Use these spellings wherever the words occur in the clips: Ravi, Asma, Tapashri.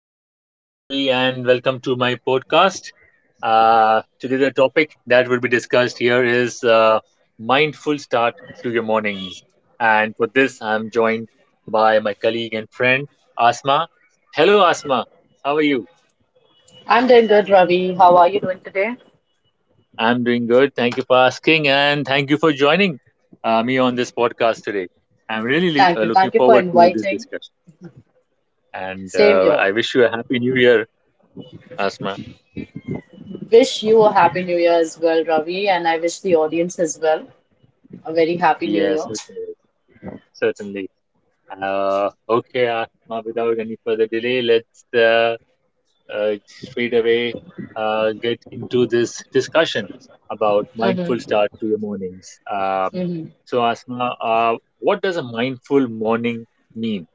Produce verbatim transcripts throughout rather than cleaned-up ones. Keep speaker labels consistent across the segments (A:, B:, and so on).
A: friends. This is Ravi, and welcome to my podcast. Uh, today, the topic that will be discussed here is uh, mindful start to your mornings. And for this, I'm joined by my colleague and friend, Asma. Hello, Asma. How are you?
B: I'm doing good, Ravi. How are you doing today?
A: I'm doing good. Thank you for asking, and thank you for joining uh, me on this podcast today. I'm really uh,
B: Thank you.
A: looking
B: Thank you for
A: forward to this
B: inviting.
A: discussion, and
B: Same
A: uh,
B: here.
A: I wish you a happy new year, Asma.
B: Wish you a happy new year as well, Ravi, and I wish the audience as well a very happy new
A: Yes,
B: year.
A: certainly. certainly. Uh, okay, Asma, without any further delay, let's uh, uh, straight away uh, get into this discussion about mindful
B: Mm-hmm.
A: start to your mornings. Um, so, Asma, uh, what does a mindful morning mean?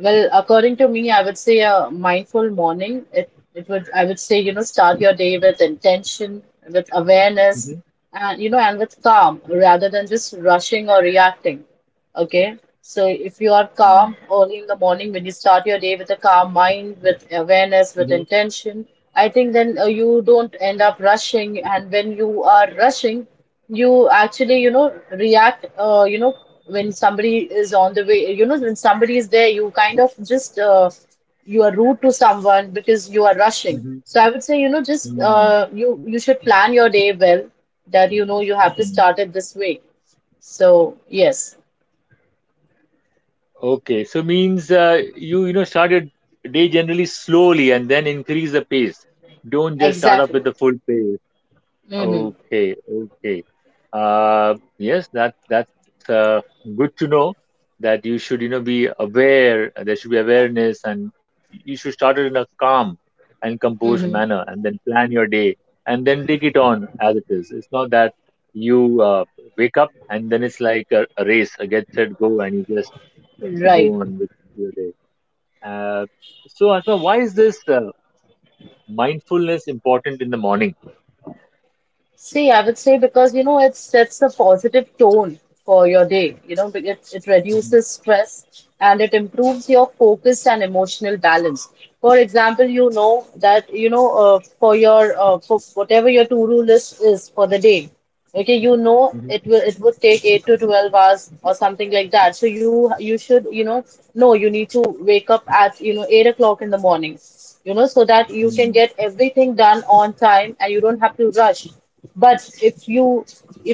B: Well, according to me, I would say a mindful morning. It it would I would say, you know, start your day with intention, with awareness,
A: Mhm,
B: and you know, and with calm rather than just rushing or reacting. Okay. So if you are calm
A: mhm,
B: early in the morning when you start your day with a calm mind, with awareness, with
A: mhm,
B: intention, I think then uh, you don't end up rushing. And when you are rushing, you actually you know react, uh, you know when somebody is on the way, you know when somebody is there, you kind of just uh, you are rude to someone because you are rushing.
A: mhm,
B: So I would say, you know just,
A: mhm,
B: uh, you you should plan your day well, that you know you have to
A: mhm.
B: start it this way. So yes.
A: Okay, so means uh, you you know start your day generally slowly and then increase the pace. Don't just start off
B: Exactly.
A: with the full pace.
B: Mm-hmm.
A: Okay, okay. Uh, yes, that that's uh, good to know that you should, you know, be aware. uh, There should be awareness, and you should start it in a calm and composed
B: Mm-hmm.
A: manner, and then plan your day, and then take it on as it is. It's not that you uh, wake up and then it's like a, a race, a get set go, and you just go
B: Right.
A: on with your day. Uh, so, Asma, why is this uh, mindfulness important in the morning?
B: See, I would say because you know it sets a positive tone for your day. You know, it, it
A: Mhm,
B: reduces stress and it improves your focus and emotional balance. For example, you know that you know uh, for your uh, for whatever your to-do list is for the day. Okay, you know
A: mhm,
B: it will it would take eight to twelve hours or something like that. So you you should, you know no you need to wake up at, you know eight o'clock in the morning, you know, so that you can
A: mhm.
B: get everything done on time and you don't have to rush. But if you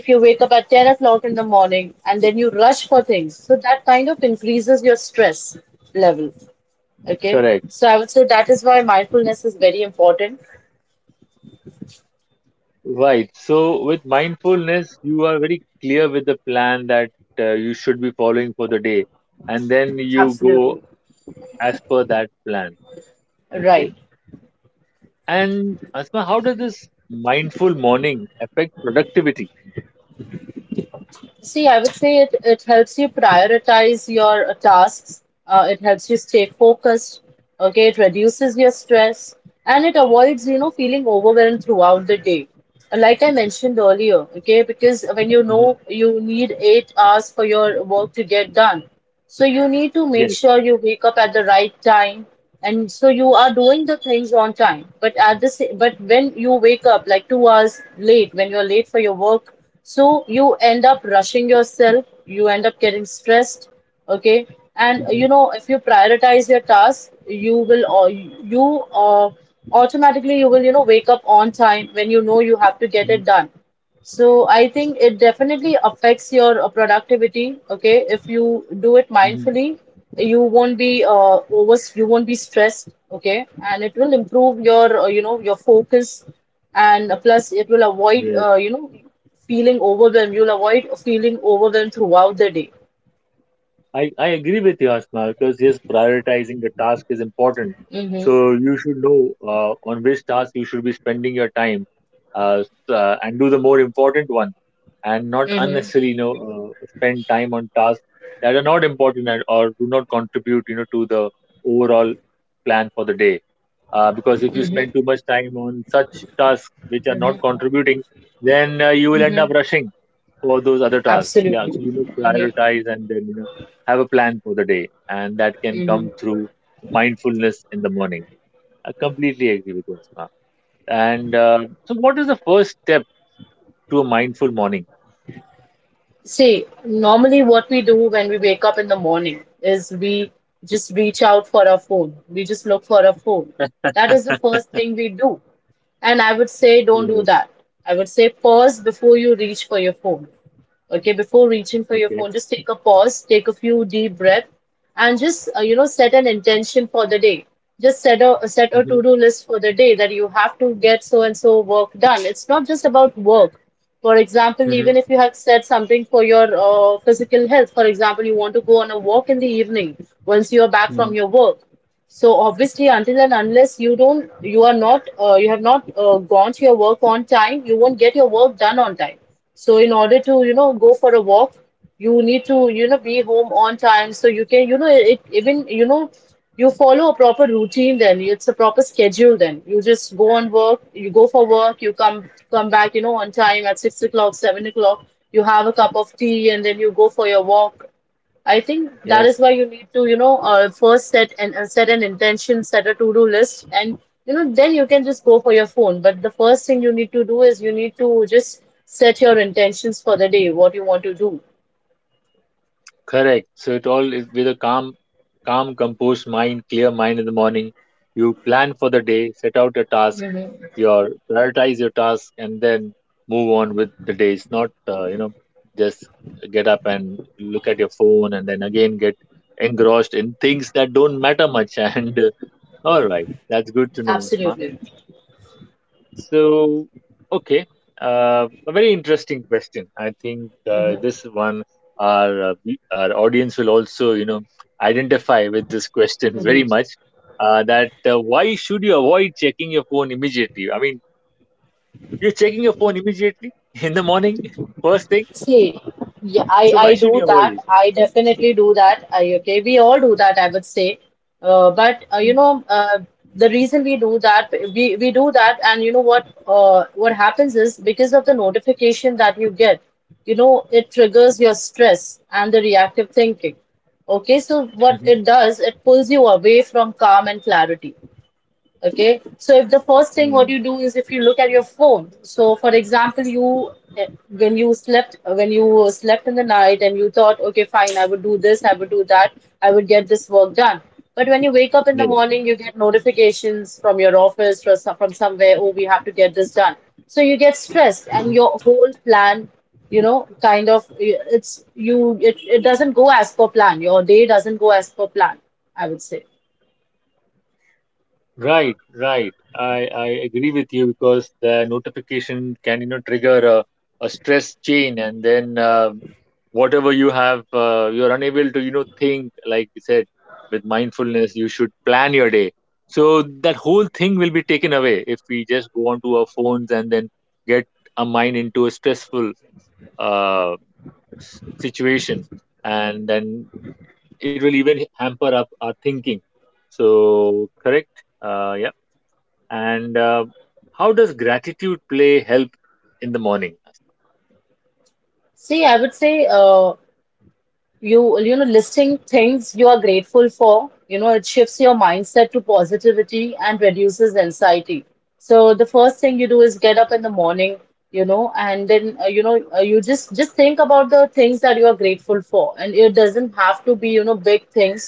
B: if you wake up at ten o'clock in the morning and then you rush for things, so that kind of increases your stress level. Okay.
A: Correct.
B: So I would say that is why mindfulness is very important.
A: Right. So with mindfulness, you are very clear with the plan that uh, you should be following for the day, and then you go
B: Absolutely.
A: as per that plan. Okay.
B: Right.
A: And Asma, how does this mindful morning affect productivity?
B: See, I would say it, it helps you prioritize your uh, tasks, uh, it helps you stay focused, okay, it reduces your stress, and it avoids, you know, feeling overwhelmed throughout the day. And like I mentioned earlier, okay, because when you
A: Hmm.
B: know you need eight hours for your work to get done, so you need to make
A: Yes.
B: sure you wake up at the right time, and so you are doing the things on time. But at the sa- but when you wake up like two hours late, when you're late for your work, so you end up rushing yourself. You end up getting stressed. Okay, and
A: Hmm.
B: you know if you prioritize your tasks, you will, or you, uh, automatically you will, you know wake up on time when you know you have to get
A: Hmm.
B: it done. So I think it definitely affects your uh, productivity. Okay, if you do it
A: Hmm.
B: mindfully, you won't be uh, over, you won't be stressed. Okay, and it will improve your, uh, you know your focus, and uh, plus it will avoid,
A: Yes.
B: uh, you know feeling overwhelmed. You'll avoid feeling overwhelmed throughout the day.
A: I, I agree with you, Asma, because yes, prioritizing the task is important.
B: Mm-hmm.
A: So you should know uh, on which task you should be spending your time, uh, s- uh, and do the more important one, and not
B: Mm-hmm.
A: unnecessarily, you know, uh, spend time on tasks that are not important and, or do not contribute, you know, to the overall plan for the day. Uh, because if you
B: Mm-hmm.
A: spend too much time on such tasks which are not
B: Mm-hmm.
A: contributing, then uh, you will end
B: Mm-hmm.
A: up rushing for those other tasks. Yeah,
B: Absolutely.
A: so you must
B: Mm-hmm.
A: prioritize and then you know have a plan for the day, and that can come
B: Mm-hmm.
A: through mindfulness in the morning. I completely agree with you, Asma. And uh, so, what is the first step to a mindful morning?
B: See, normally what we do when we wake up in the morning is we just reach out for our phone. We just look for our phone. That is the first thing we do. And I would say don't do
A: Yes.
B: that. I would say pause before you reach for your phone. Okay, before reaching for your
A: Okay.
B: phone, just take a pause, take a few deep breath, and just, uh, you know set an intention for the day. Just set a, uh, set a
A: Hmm.
B: to-do list for the day, that you have to get so and so work done. It's not just about work. For example, even
A: Hmm.
B: if you have set something for your uh, physical health, for example, you want to go on a walk in the evening once you are back
A: Hmm.
B: from your work. So obviously, until and unless you don't, you are not, uh, you have not uh, gone to your work on time, you won't get your work done on time. So in order to, you know, go for a walk, you need to, you know, be home on time. So you can, you know, it even, you know, you follow a proper routine then. It's a proper schedule then. You just go on work, you go for work, you come come back, you know, on time at six o'clock, seven o'clock. You have a cup of tea and then you go for your walk. I think that is
A: Yes.
B: why you need to, you know, uh, first set and, uh, set an intention, set a to-do list, and you know, then you can just go for your phone. But the first thing you need to do is you need to just set your intentions for the day, what you want to do.
A: Correct. So it all it- with a calm, calm, composed mind, clear mind in the morning. You plan for the day, set out your task,
B: Hmm
A: your prioritize your task, and then move on with the day. It's not uh, you know just get up and look at your phone and then again get engrossed in things that don't matter much. And uh, all right, that's good to know, Asma.
B: Absolutely.
A: So, okay, uh, a very interesting question. I think uh,
B: Hmm
A: this one our uh, we- our audience will also, you know, identify with this question
B: hmm
A: very much. Uh, that uh, Why should you avoid checking your phone immediately? I mean, you're checking your phone immediately in the morning, first thing.
B: See, yeah, I
A: So
B: I
A: why
B: do
A: should you avoid
B: that.
A: it?
B: I definitely do that. I, okay, we all do that, I would say. Uh, but uh, you
A: Hmm.
B: know, uh, the reason we do that, we we do that, and you know what? Uh, what happens is because of the notification that you get, you know, it triggers your stress and the reactive thinking. Okay, so what
A: Mm-hmm.
B: it does, it pulls you away from calm and clarity. Okay, so if the first thing what
A: Hmm.
B: you do is if you look at your phone. So, for example, you eh, when you slept when you slept in the night and you thought, okay, fine, I would do this, I would do that, I would get this work done. But when you wake up in the
A: Yes.
B: morning, you get notifications from your office from some- from somewhere. Oh, we have to get this done. So you get stressed,
A: Mm-hmm.
B: and your
A: Yeah.
B: whole plan, you know, kind of eh, it's you it, it doesn't go as per plan. Your day doesn't go as per plan. I would say.
A: Right, right. I, I agree with you because the notification can, you know, trigger a, a stress chain and then um whatever you have, uh, you're unable to, you know, think, like you said, with mindfulness, you should plan your day. So that whole thing will be taken away if we just go onto our phones and then get our mind into a stressful uh, s- situation and then it will even hamper up our thinking. So correct. Uh, yeah. And uh, How does gratitude play help in the morning?
B: See, I would say. Uh, you you know listing things you are grateful for, you know it shifts your mindset to positivity and reduces anxiety. So the first thing you do is get up in the morning, you know and then, uh, you know uh, you just just think about the things that you are grateful for, and it doesn't have to be, you know big things.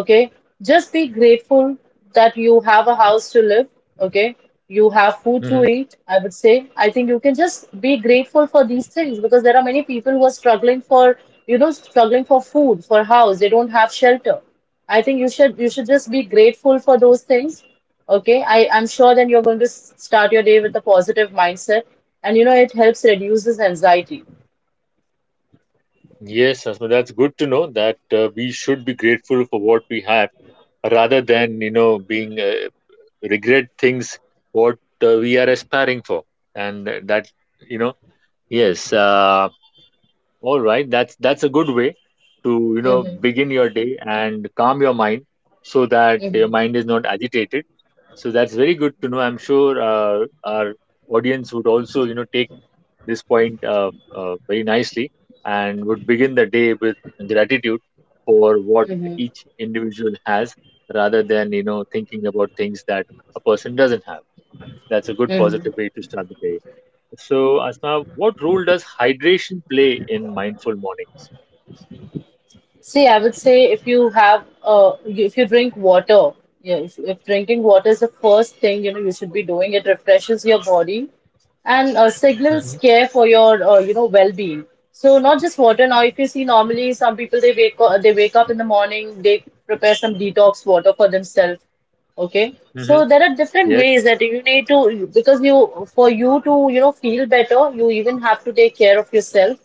B: Okay, just be grateful that you have a house to live, okay, you have food to
A: Hmm.
B: eat, I would say. I think you can just be grateful for these things because there are many people who are struggling for, you know, struggling for food, for house. They don't have shelter. I think you should you should just be grateful for those things. Okay. I, I'm sure then you're going to s- start your day with a positive mindset. And you know, it helps reduces anxiety.
A: Yes, Asma, that's good to know that uh, we should be grateful for what we have rather than, you know, being uh, regret things what uh, we are aspiring for. And that, you know, yes. Uh, All right, that's that's a good way to, you know,
B: Mm-hmm.
A: begin your day and calm your mind so that
B: Mm-hmm.
A: your mind is not agitated. So that's very good to know. I'm sure uh, our audience would also, you know, take this point uh, uh, very nicely and would begin the day with gratitude for what
B: Mm-hmm.
A: each individual has rather than, you know, thinking about things that a person doesn't have. That's a good positive way to start the day. So, Asma, what role does hydration play in mindful mornings?
B: See, I would say if you have, uh, you- if you drink water, yeah, if, if drinking water is the first thing, you know, you should be doing. It refreshes your body and uh, signals
A: Mhm.
B: care for your, uh, you know, well-being. So not just water. Now, if you see normally some people they wake up, they wake up in the morning, they prepare some detox water for themselves. Okay,
A: Mhm.
B: so there are different
A: Yes.
B: ways that you need to, because you, for you to, you know, feel better, you even have to take care of yourself.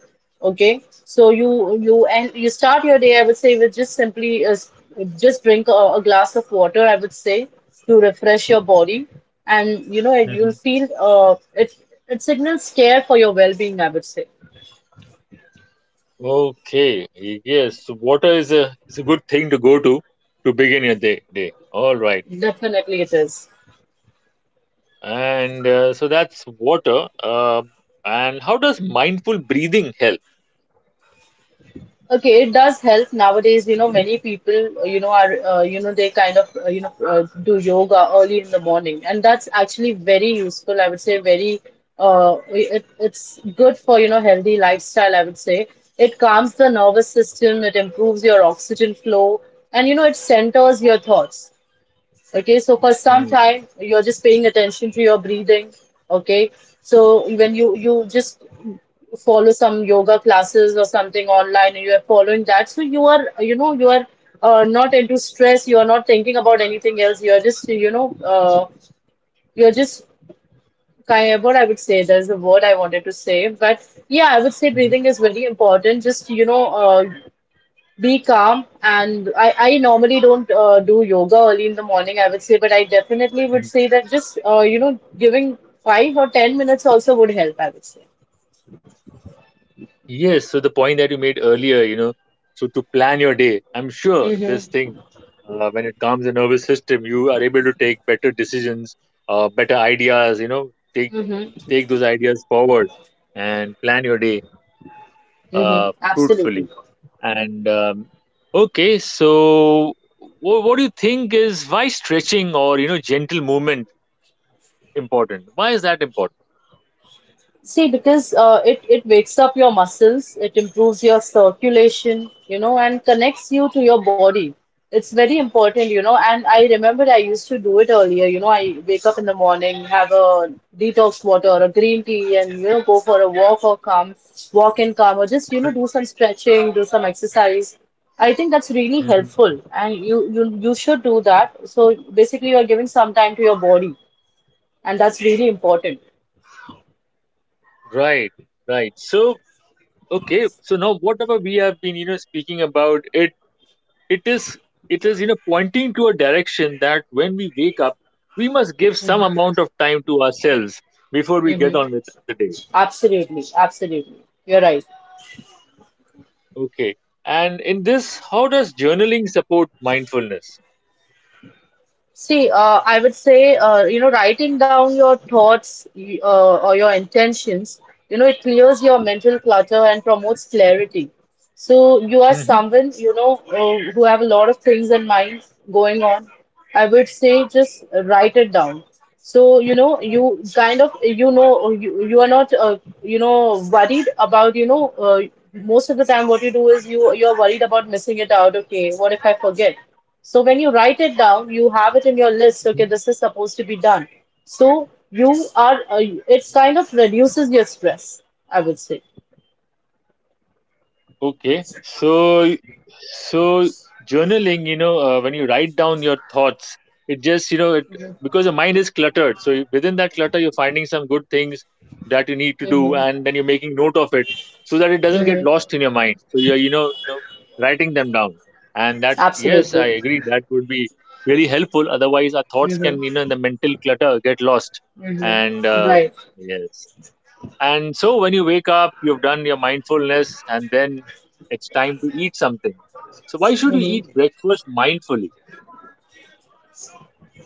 B: Okay, so you, you, and you start your day, I would say, with just simply, uh, just drink a, a glass of water, I would say, to refresh your body. And, you know, you'll
A: Mhm.
B: feel, uh, it, it signals care for your well-being, I would say.
A: Okay. Yes. So water is a is a good thing to go to to begin your day. Day. All right.
B: Definitely it is.
A: And uh, so that's water. Uh. and how does mindful breathing help?
B: Okay, it does help nowadays. You know, many people, uh, you know, are, uh, you know, they kind of, uh, you know, uh, do yoga early in the morning, and that's actually very useful. I would say very, uh, it, it's good for, you know, healthy lifestyle. I would say it calms the nervous system, it improves your oxygen flow, and you know, it centers your thoughts. Okay, so for some
A: Mhm.
B: time, you're just paying attention to your breathing. Okay, so when you you just follow some yoga classes or something online and you are following that, so you are, you know you are, uh, not into stress, you are not thinking about anything else, you are just, you know uh, you're just kind of, what I would say, there's a word I wanted to say, but yeah, I would say breathing is very important. Just, you know uh, be calm. And i i normally don't uh, do yoga early in the morning, I would say, but I definitely
A: Mhm.
B: would say that just, uh, you know giving five or ten minutes also would help, I would say.
A: Yes, so the point that you made earlier, you know, so to plan your day, I'm sure this
B: Mm-hmm.
A: thing, uh, when it comes to nervous system, you are able to take better decisions, uh, better ideas, you know, take
B: Mm-hmm.
A: take those ideas forward and plan your day
B: hmm
A: uh,
B: Absolutely.
A: fruitfully. And um, okay, so wh- What do you think is why stretching or you know gentle movement important? Why is that important?
B: See, because uh, it it wakes up your muscles, it improves your circulation, you know, and connects you to your body. It's very important, you know. And I remember I used to do it earlier. You know, I wake up in the morning, have a detox water or a green tea, and you know, go for a walk or come, walk and come, or just you know, do some stretching, do some exercise. I think that's really
A: Mhm.
B: helpful, and you you you should do that. So basically, you are giving some time to your body, and that's really important.
A: Right, right. So okay, so now whatever we have been, you know, speaking about it, it is it is, you know, pointing to a direction that when we wake up, we must give some amount of time to ourselves before we get
B: hmm
A: on with the day.
B: Absolutely, absolutely. You're right.
A: Okay. And in this, how does journaling support mindfulness?
B: See, uh, I would say, uh, you know, writing down your thoughts y- uh, or your intentions, you know, it clears your mental clutter and promotes clarity. So you are
A: Mhm.
B: someone, you know, uh, who have a lot of things in mind going on. I would say just write it down. So, you know, you kind of, you know, you, you are not, uh, you know, worried about, you know, uh, most of the time what you do is you, you're worried about missing it out. Okay, what if I forget? So when you write it down, you have it in your list. Okay, this is supposed to be done. So you are, uh, it kind of reduces your stress, I would say.
A: Okay, so so journaling, you know, uh, when you write down your thoughts, it just, you know, it because the mind is cluttered. So you- within that clutter, you're finding some good things that you need to do,
B: Mm-hmm.
A: and then you're making note of it so that it doesn't get
B: Mm-hmm.
A: lost in your mind. So you're, you know, you know, writing them down, and that, yes,
B: Absolutely.
A: I agree, that would be really helpful. Otherwise, our thoughts
B: Mm-hmm.
A: can, you know, in the mental clutter get lost.
B: Mm-hmm.
A: And uh, yes, and so when you wake up, you've done your mindfulness, and then it's time to eat something. So why should you
B: Right.
A: eat breakfast mindfully?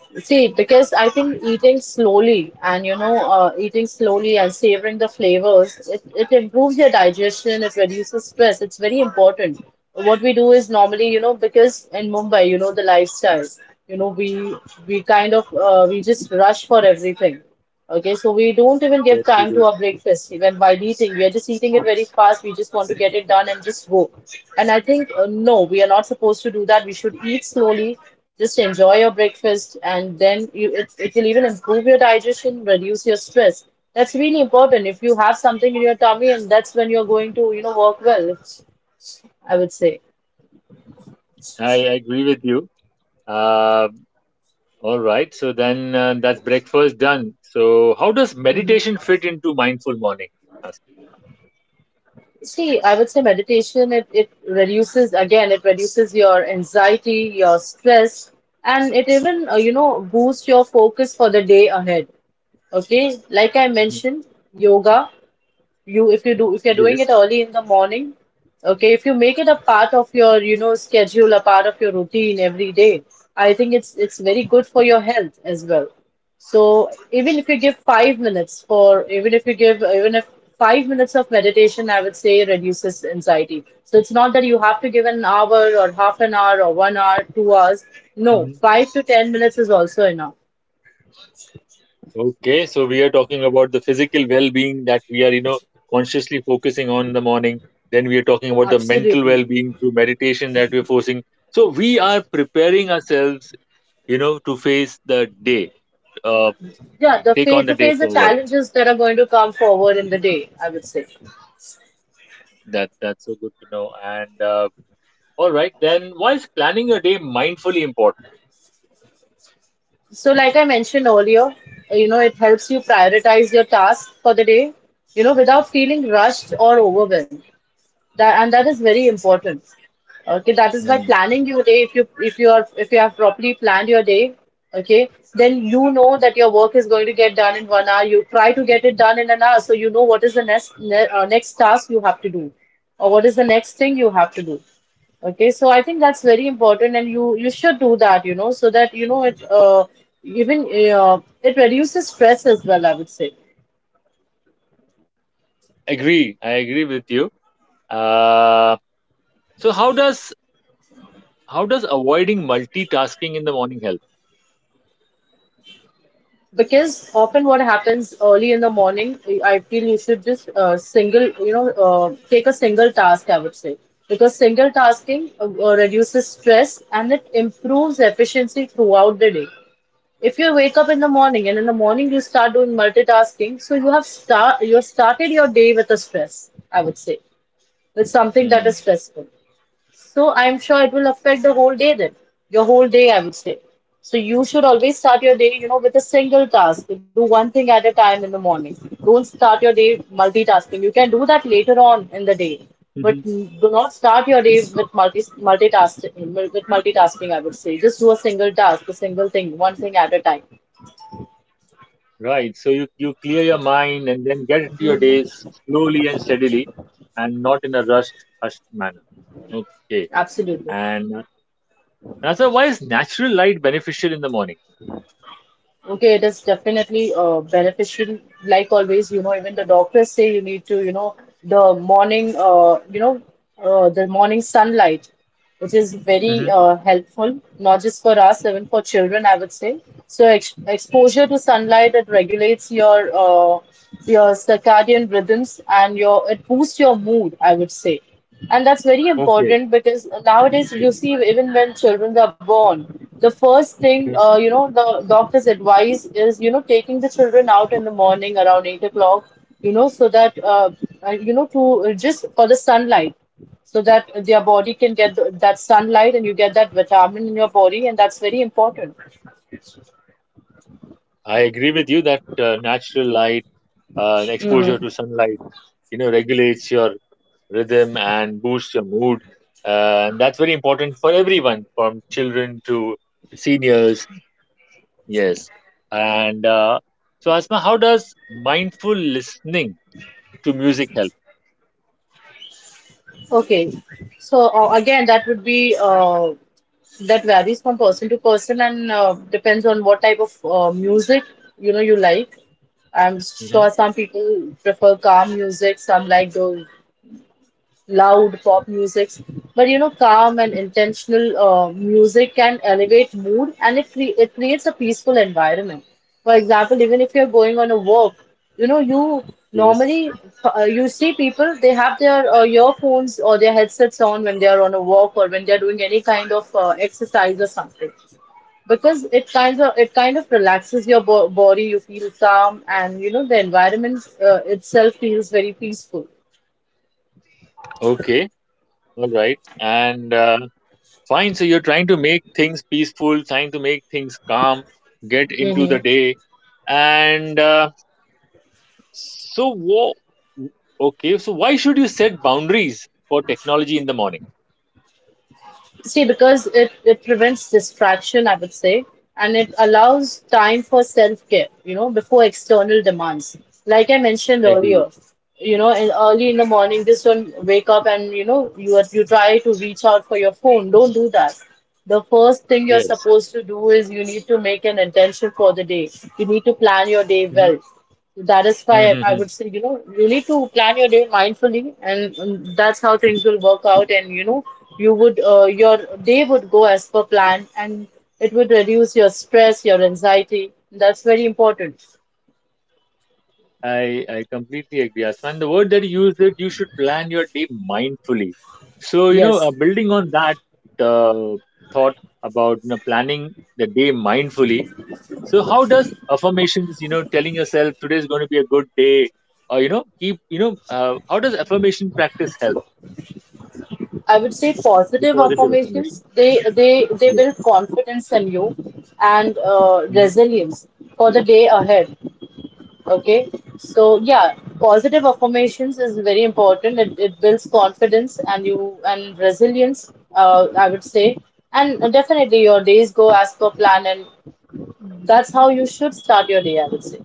B: See, because I think eating slowly and you know, uh, eating slowly and savoring the flavors, it, it improves your digestion, it reduces stress. It's very important. What we do is normally, you know, because in Mumbai, you know, the lifestyle, you know, we we kind of uh, we just rush for everything. Okay, so we don't even give
A: Yes, we
B: time to
A: do.
B: our breakfast even while eating. We are just eating it very fast. We just want to get it done and just go. And I think, uh, no, we are not supposed to do that. We should eat slowly, just enjoy your breakfast, and then you, it, it will even improve your digestion, reduce your stress. That's really important. If you have something in your tummy, and that's when you're going to, you know, work well, I would say.
A: I agree with you. Uh, all right. So then uh, that's breakfast done. So how does meditation fit into mindful morning? Ask.
B: See, I would say meditation, it, it reduces, again, it reduces your anxiety, your stress, and it even, uh, you know, boosts your focus for the day ahead. Okay. Like I
A: Mhm.
B: mentioned, yoga, you if you do if you're doing
A: Yes.
B: it early in the morning. Okay, if you make it a part of your, you know schedule, a part of your routine every day, I think it's it's very good for your health as well. So even if you give five minutes, for even if you give even if five minutes of meditation, I would say, reduces anxiety. So it's not that you have to give an hour or half an hour or one hour, two hours. No, five to ten minutes is also enough.
A: Okay, so we are talking about the physical well-being that we are, you know, consciously focusing on in the morning. Then we are talking about the mental
B: Absolutely.
A: well-being through meditation that we're forcing. So we are preparing ourselves, you know, to face the day, uh,
B: Yeah, the
A: take on
B: face
A: the
B: to
A: day
B: face the
A: forward.
B: challenges that are going to come forward in the day, I would say.
A: That that's so good to know. And uh, All right, then why is planning your day mindfully important?
B: So like I mentioned earlier, you know it helps you prioritize your tasks for the day, you know without feeling rushed or overwhelmed. That and that is very important. Okay, that is, by
A: Hmm.
B: planning your day, if you if you are if you have properly planned your day, okay, then you know that your work is going to get done in one hour. You try to get it done in an hour, so you know what is the next, ne- uh, next task you have to do, or what is the next thing you have to do. Okay, so I think that's very important, and you you should do that, you know, so that you know it uh, even uh, it reduces stress as well, I would say,
A: Agree, I agree with you. Uh, so how does how does avoiding multitasking in the morning help?
B: because often what happens early in the morning, I feel you should just uh, single, you know, uh, take a single task, I would say, because single tasking uh, uh, reduces stress and it improves efficiency throughout the day. If you wake up in the morning and in the morning you start doing multitasking, so you have start you have started your day with a stress, I would say, with something that
A: Hmm.
B: is stressful. So I'm sure it will affect the whole day then, your whole day, I would say. So you should always start your day, you know, with a single task. Do one thing at a time in the morning. Don't start your day multitasking. You can do that later on in the day, but do not start your day with multi multitasking. With multitasking, I would say, just do a single task, a single thing, one thing at a time.
A: Right. So you, you clear your mind and then get into your
B: Mhm.
A: days slowly and steadily and not in a rushed, hushed manner. Okay.
B: Absolutely.
A: And uh, Nasa, why is natural light beneficial in the morning?
B: Okay, it is definitely uh, beneficial. Like always, you know, even the doctors say you need to, you know, the morning, uh, you know, uh, the morning sunlight, which is very
A: Hmm.
B: uh, helpful, not just for us, even for children, I would say. So ex exposure to sunlight, it regulates your uh, your circadian rhythms, and your it boosts your mood, I would say. And that's very
A: Okay.
B: important because nowadays you see even when children are born, the first thing, uh,
A: Yes.
B: you know, the doctor's advice is, you know, taking the children out in the morning around eight o'clock, you know, so that uh, uh, you know to uh, just for the sunlight, so that their body can get the, that sunlight, and you get that vitamin in your body, and that's very important.
A: I agree with you that uh, natural light, uh, and exposure to
B: hmm
A: sunlight, you know, regulates your rhythm and boosts your mood. Uh, and that's very important for everyone, from children to seniors. Yes. And uh, so, Asma, how does mindful listening to music help?
B: Okay, so uh, again, that would be uh, that varies from person to person, and uh, depends on what type of uh, music, you know, you like. I'm
A: Hmm.
B: sure some people prefer calm music, some like those loud pop musics, but you know, calm and intentional uh, music can elevate mood and it, cre- it creates a peaceful environment. For example, even if you're going on a walk, you know, you
A: Yes.
B: normally uh, you see people, they have their uh, earphones or their headsets on when they are on a walk or when they are doing any kind of uh, exercise or something, because it kind of it kind of relaxes your bo- body. You feel calm, and you know, the environment uh, itself feels very peaceful.
A: Okay. All right. And uh, Fine. So, you're trying to make things peaceful, trying to make things calm, get into the day. And uh, so, wo- okay. So, why should you set boundaries for technology in the morning?
B: See, because it, it prevents distraction, I would say, and it allows time for self-care, you know, before external demands. Like I mentioned
A: Agreed.
B: earlier, you know, in, early in the morning, just don't wake up and, you know, you are, you try to reach out for your phone. Don't do that. The first thing you're
A: Yes.
B: supposed to do is you need to make an intention for the day. You need to plan your day well. That is why I
A: Hmm.
B: would say, you know, you need to plan your day mindfully, and and that's how things will work out. And you know, you would, uh, your day would go as per plan, and it would reduce your stress, your anxiety. That's very important.
A: I I completely agree, Asman. The word that you used that you should plan your day mindfully. So you know, uh,
B: Yes,
A: building on that uh, thought about you know planning the day mindfully. So how does affirmations you know telling yourself today is going to be a good day, or you know keep you know uh, how does affirmation practice help
B: I would say
A: the
B: positive
A: positive affirmation?
B: affirmations. They they they
A: Yeah.
B: build confidence in you, and uh,
A: Mhm.
B: resilience for the day ahead. Okay, so yeah, positive affirmations is very important. It, it builds confidence and you and resilience, uh, I would say. And definitely your days go as per plan, and that's how you should start your day, I would say.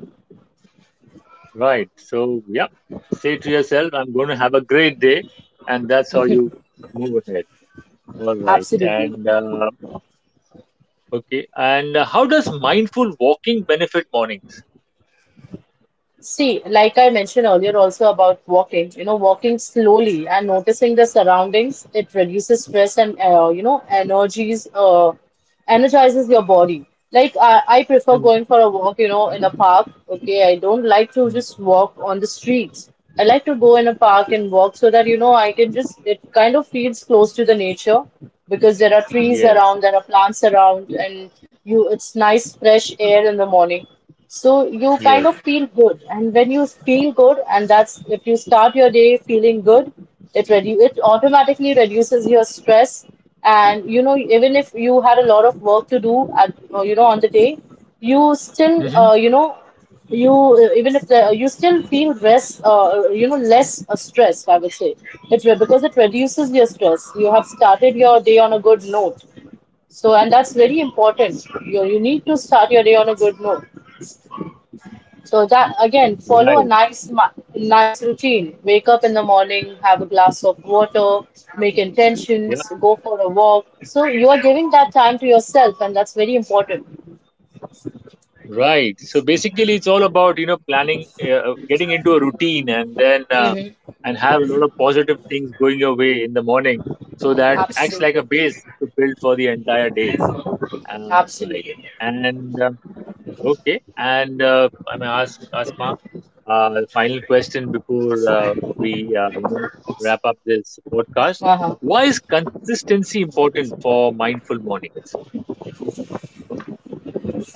A: Right. So yeah, say to yourself, I'm going to have a great day, and that's how you move ahead. All right.
B: Absolutely.
A: And uh, Okay. And uh, How does mindful walking benefit mornings?
B: See, like I mentioned earlier also about walking, you know, walking slowly and noticing the surroundings, it reduces stress and, uh, you know, energies, uh, energizes your body. Like I, I prefer
A: Mhm,
B: going for a walk, you know, in a park. Okay, I don't like to
A: mhm.
B: just walk on the streets. I like to go in a park and walk so that, you know, I can just, it kind of feels close to the nature, because there are trees
A: Yes.
B: around, there are plants around, and you, it's nice fresh air in the morning. So you kind
A: Yes.
B: of feel good, and when you feel good, and that's, if you start your day feeling good, it redu- it automatically reduces your stress, and you know, even if you had a lot of work to do at, uh, you know, on the day, you still, uh,
A: Hmm.
B: you know, you uh, even if the, you still feel rest uh, you know, less uh, stressed, I would say. It re- because it reduces your stress. You have started your day on a good note. So, and that's very important. You you need to start your day on a good note. So that again, follow a
A: Right.
B: nice ma- nice routine. Wake up in the morning, have a glass of water, make
A: Yeah.
B: intentions, go for a walk. So you are giving that time to yourself, and that's very important.
A: Right. So basically, it's all about you know planning, uh, uh, getting into a routine, and then uh, and have a lot of positive things going your way in the morning, so that acts like a
B: Absolutely,
A: base to build for the entire day. Uh,
B: absolutely.
A: right. And um okay. And uh, I may ask, ask Uh, final question before uh, we uh, you know wrap up this podcast.
B: Uh huh.
A: Why is consistency important for mindful mornings?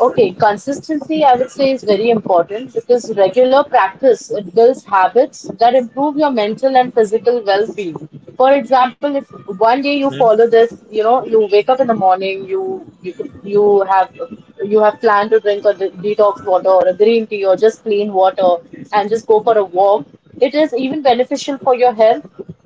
B: Okay, consistency, I would say, is very important because regular practice, it builds habits that improve your mental and physical well-being. For example, if one day you
A: Hmm?
B: follow this, you know, you wake up in the morning, you you, you have you have planned to drink a de- detox water or a green tea or just plain water, and just go for a walk. It is even beneficial for your health,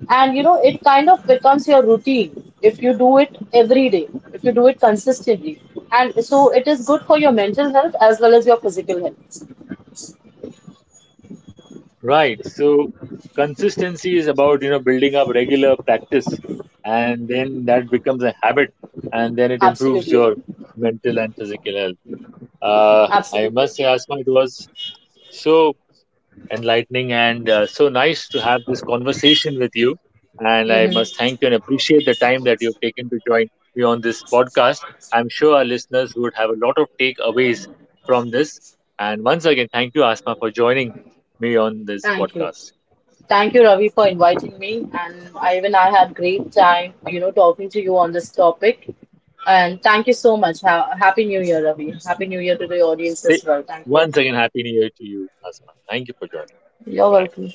B: and you know, it kind of becomes your routine if you do it every day, if you do it consistently, and so it is good for your mental health as well as your physical health.
A: Right. So consistency is about, you know, building up regular practice and then that becomes a habit and then it improves
B: Absolutely.
A: your mental and physical health. Uh, I
B: Absolutely.
A: must say, Asma, it was so enlightening and uh, so nice to have this conversation with you. And I must
B: Hmm.
A: thank you and appreciate the time that you've taken to join me on this podcast. I'm sure our listeners would have a lot of takeaways from this. And once again, thank you, Asma, for joining me on this
B: Thank you.
A: podcast.
B: Thank you, Ravi, for inviting me. And I, even I had great time, you know, talking to you on this topic. And thank you so much. Ha- happy New Year, Ravi. Happy New Year to the audience
A: Say,
B: as well. Thank you.
A: once again, Happy New Year to you, Asma. Thank you for joining. Bye
B: You're
A: bye.
B: welcome.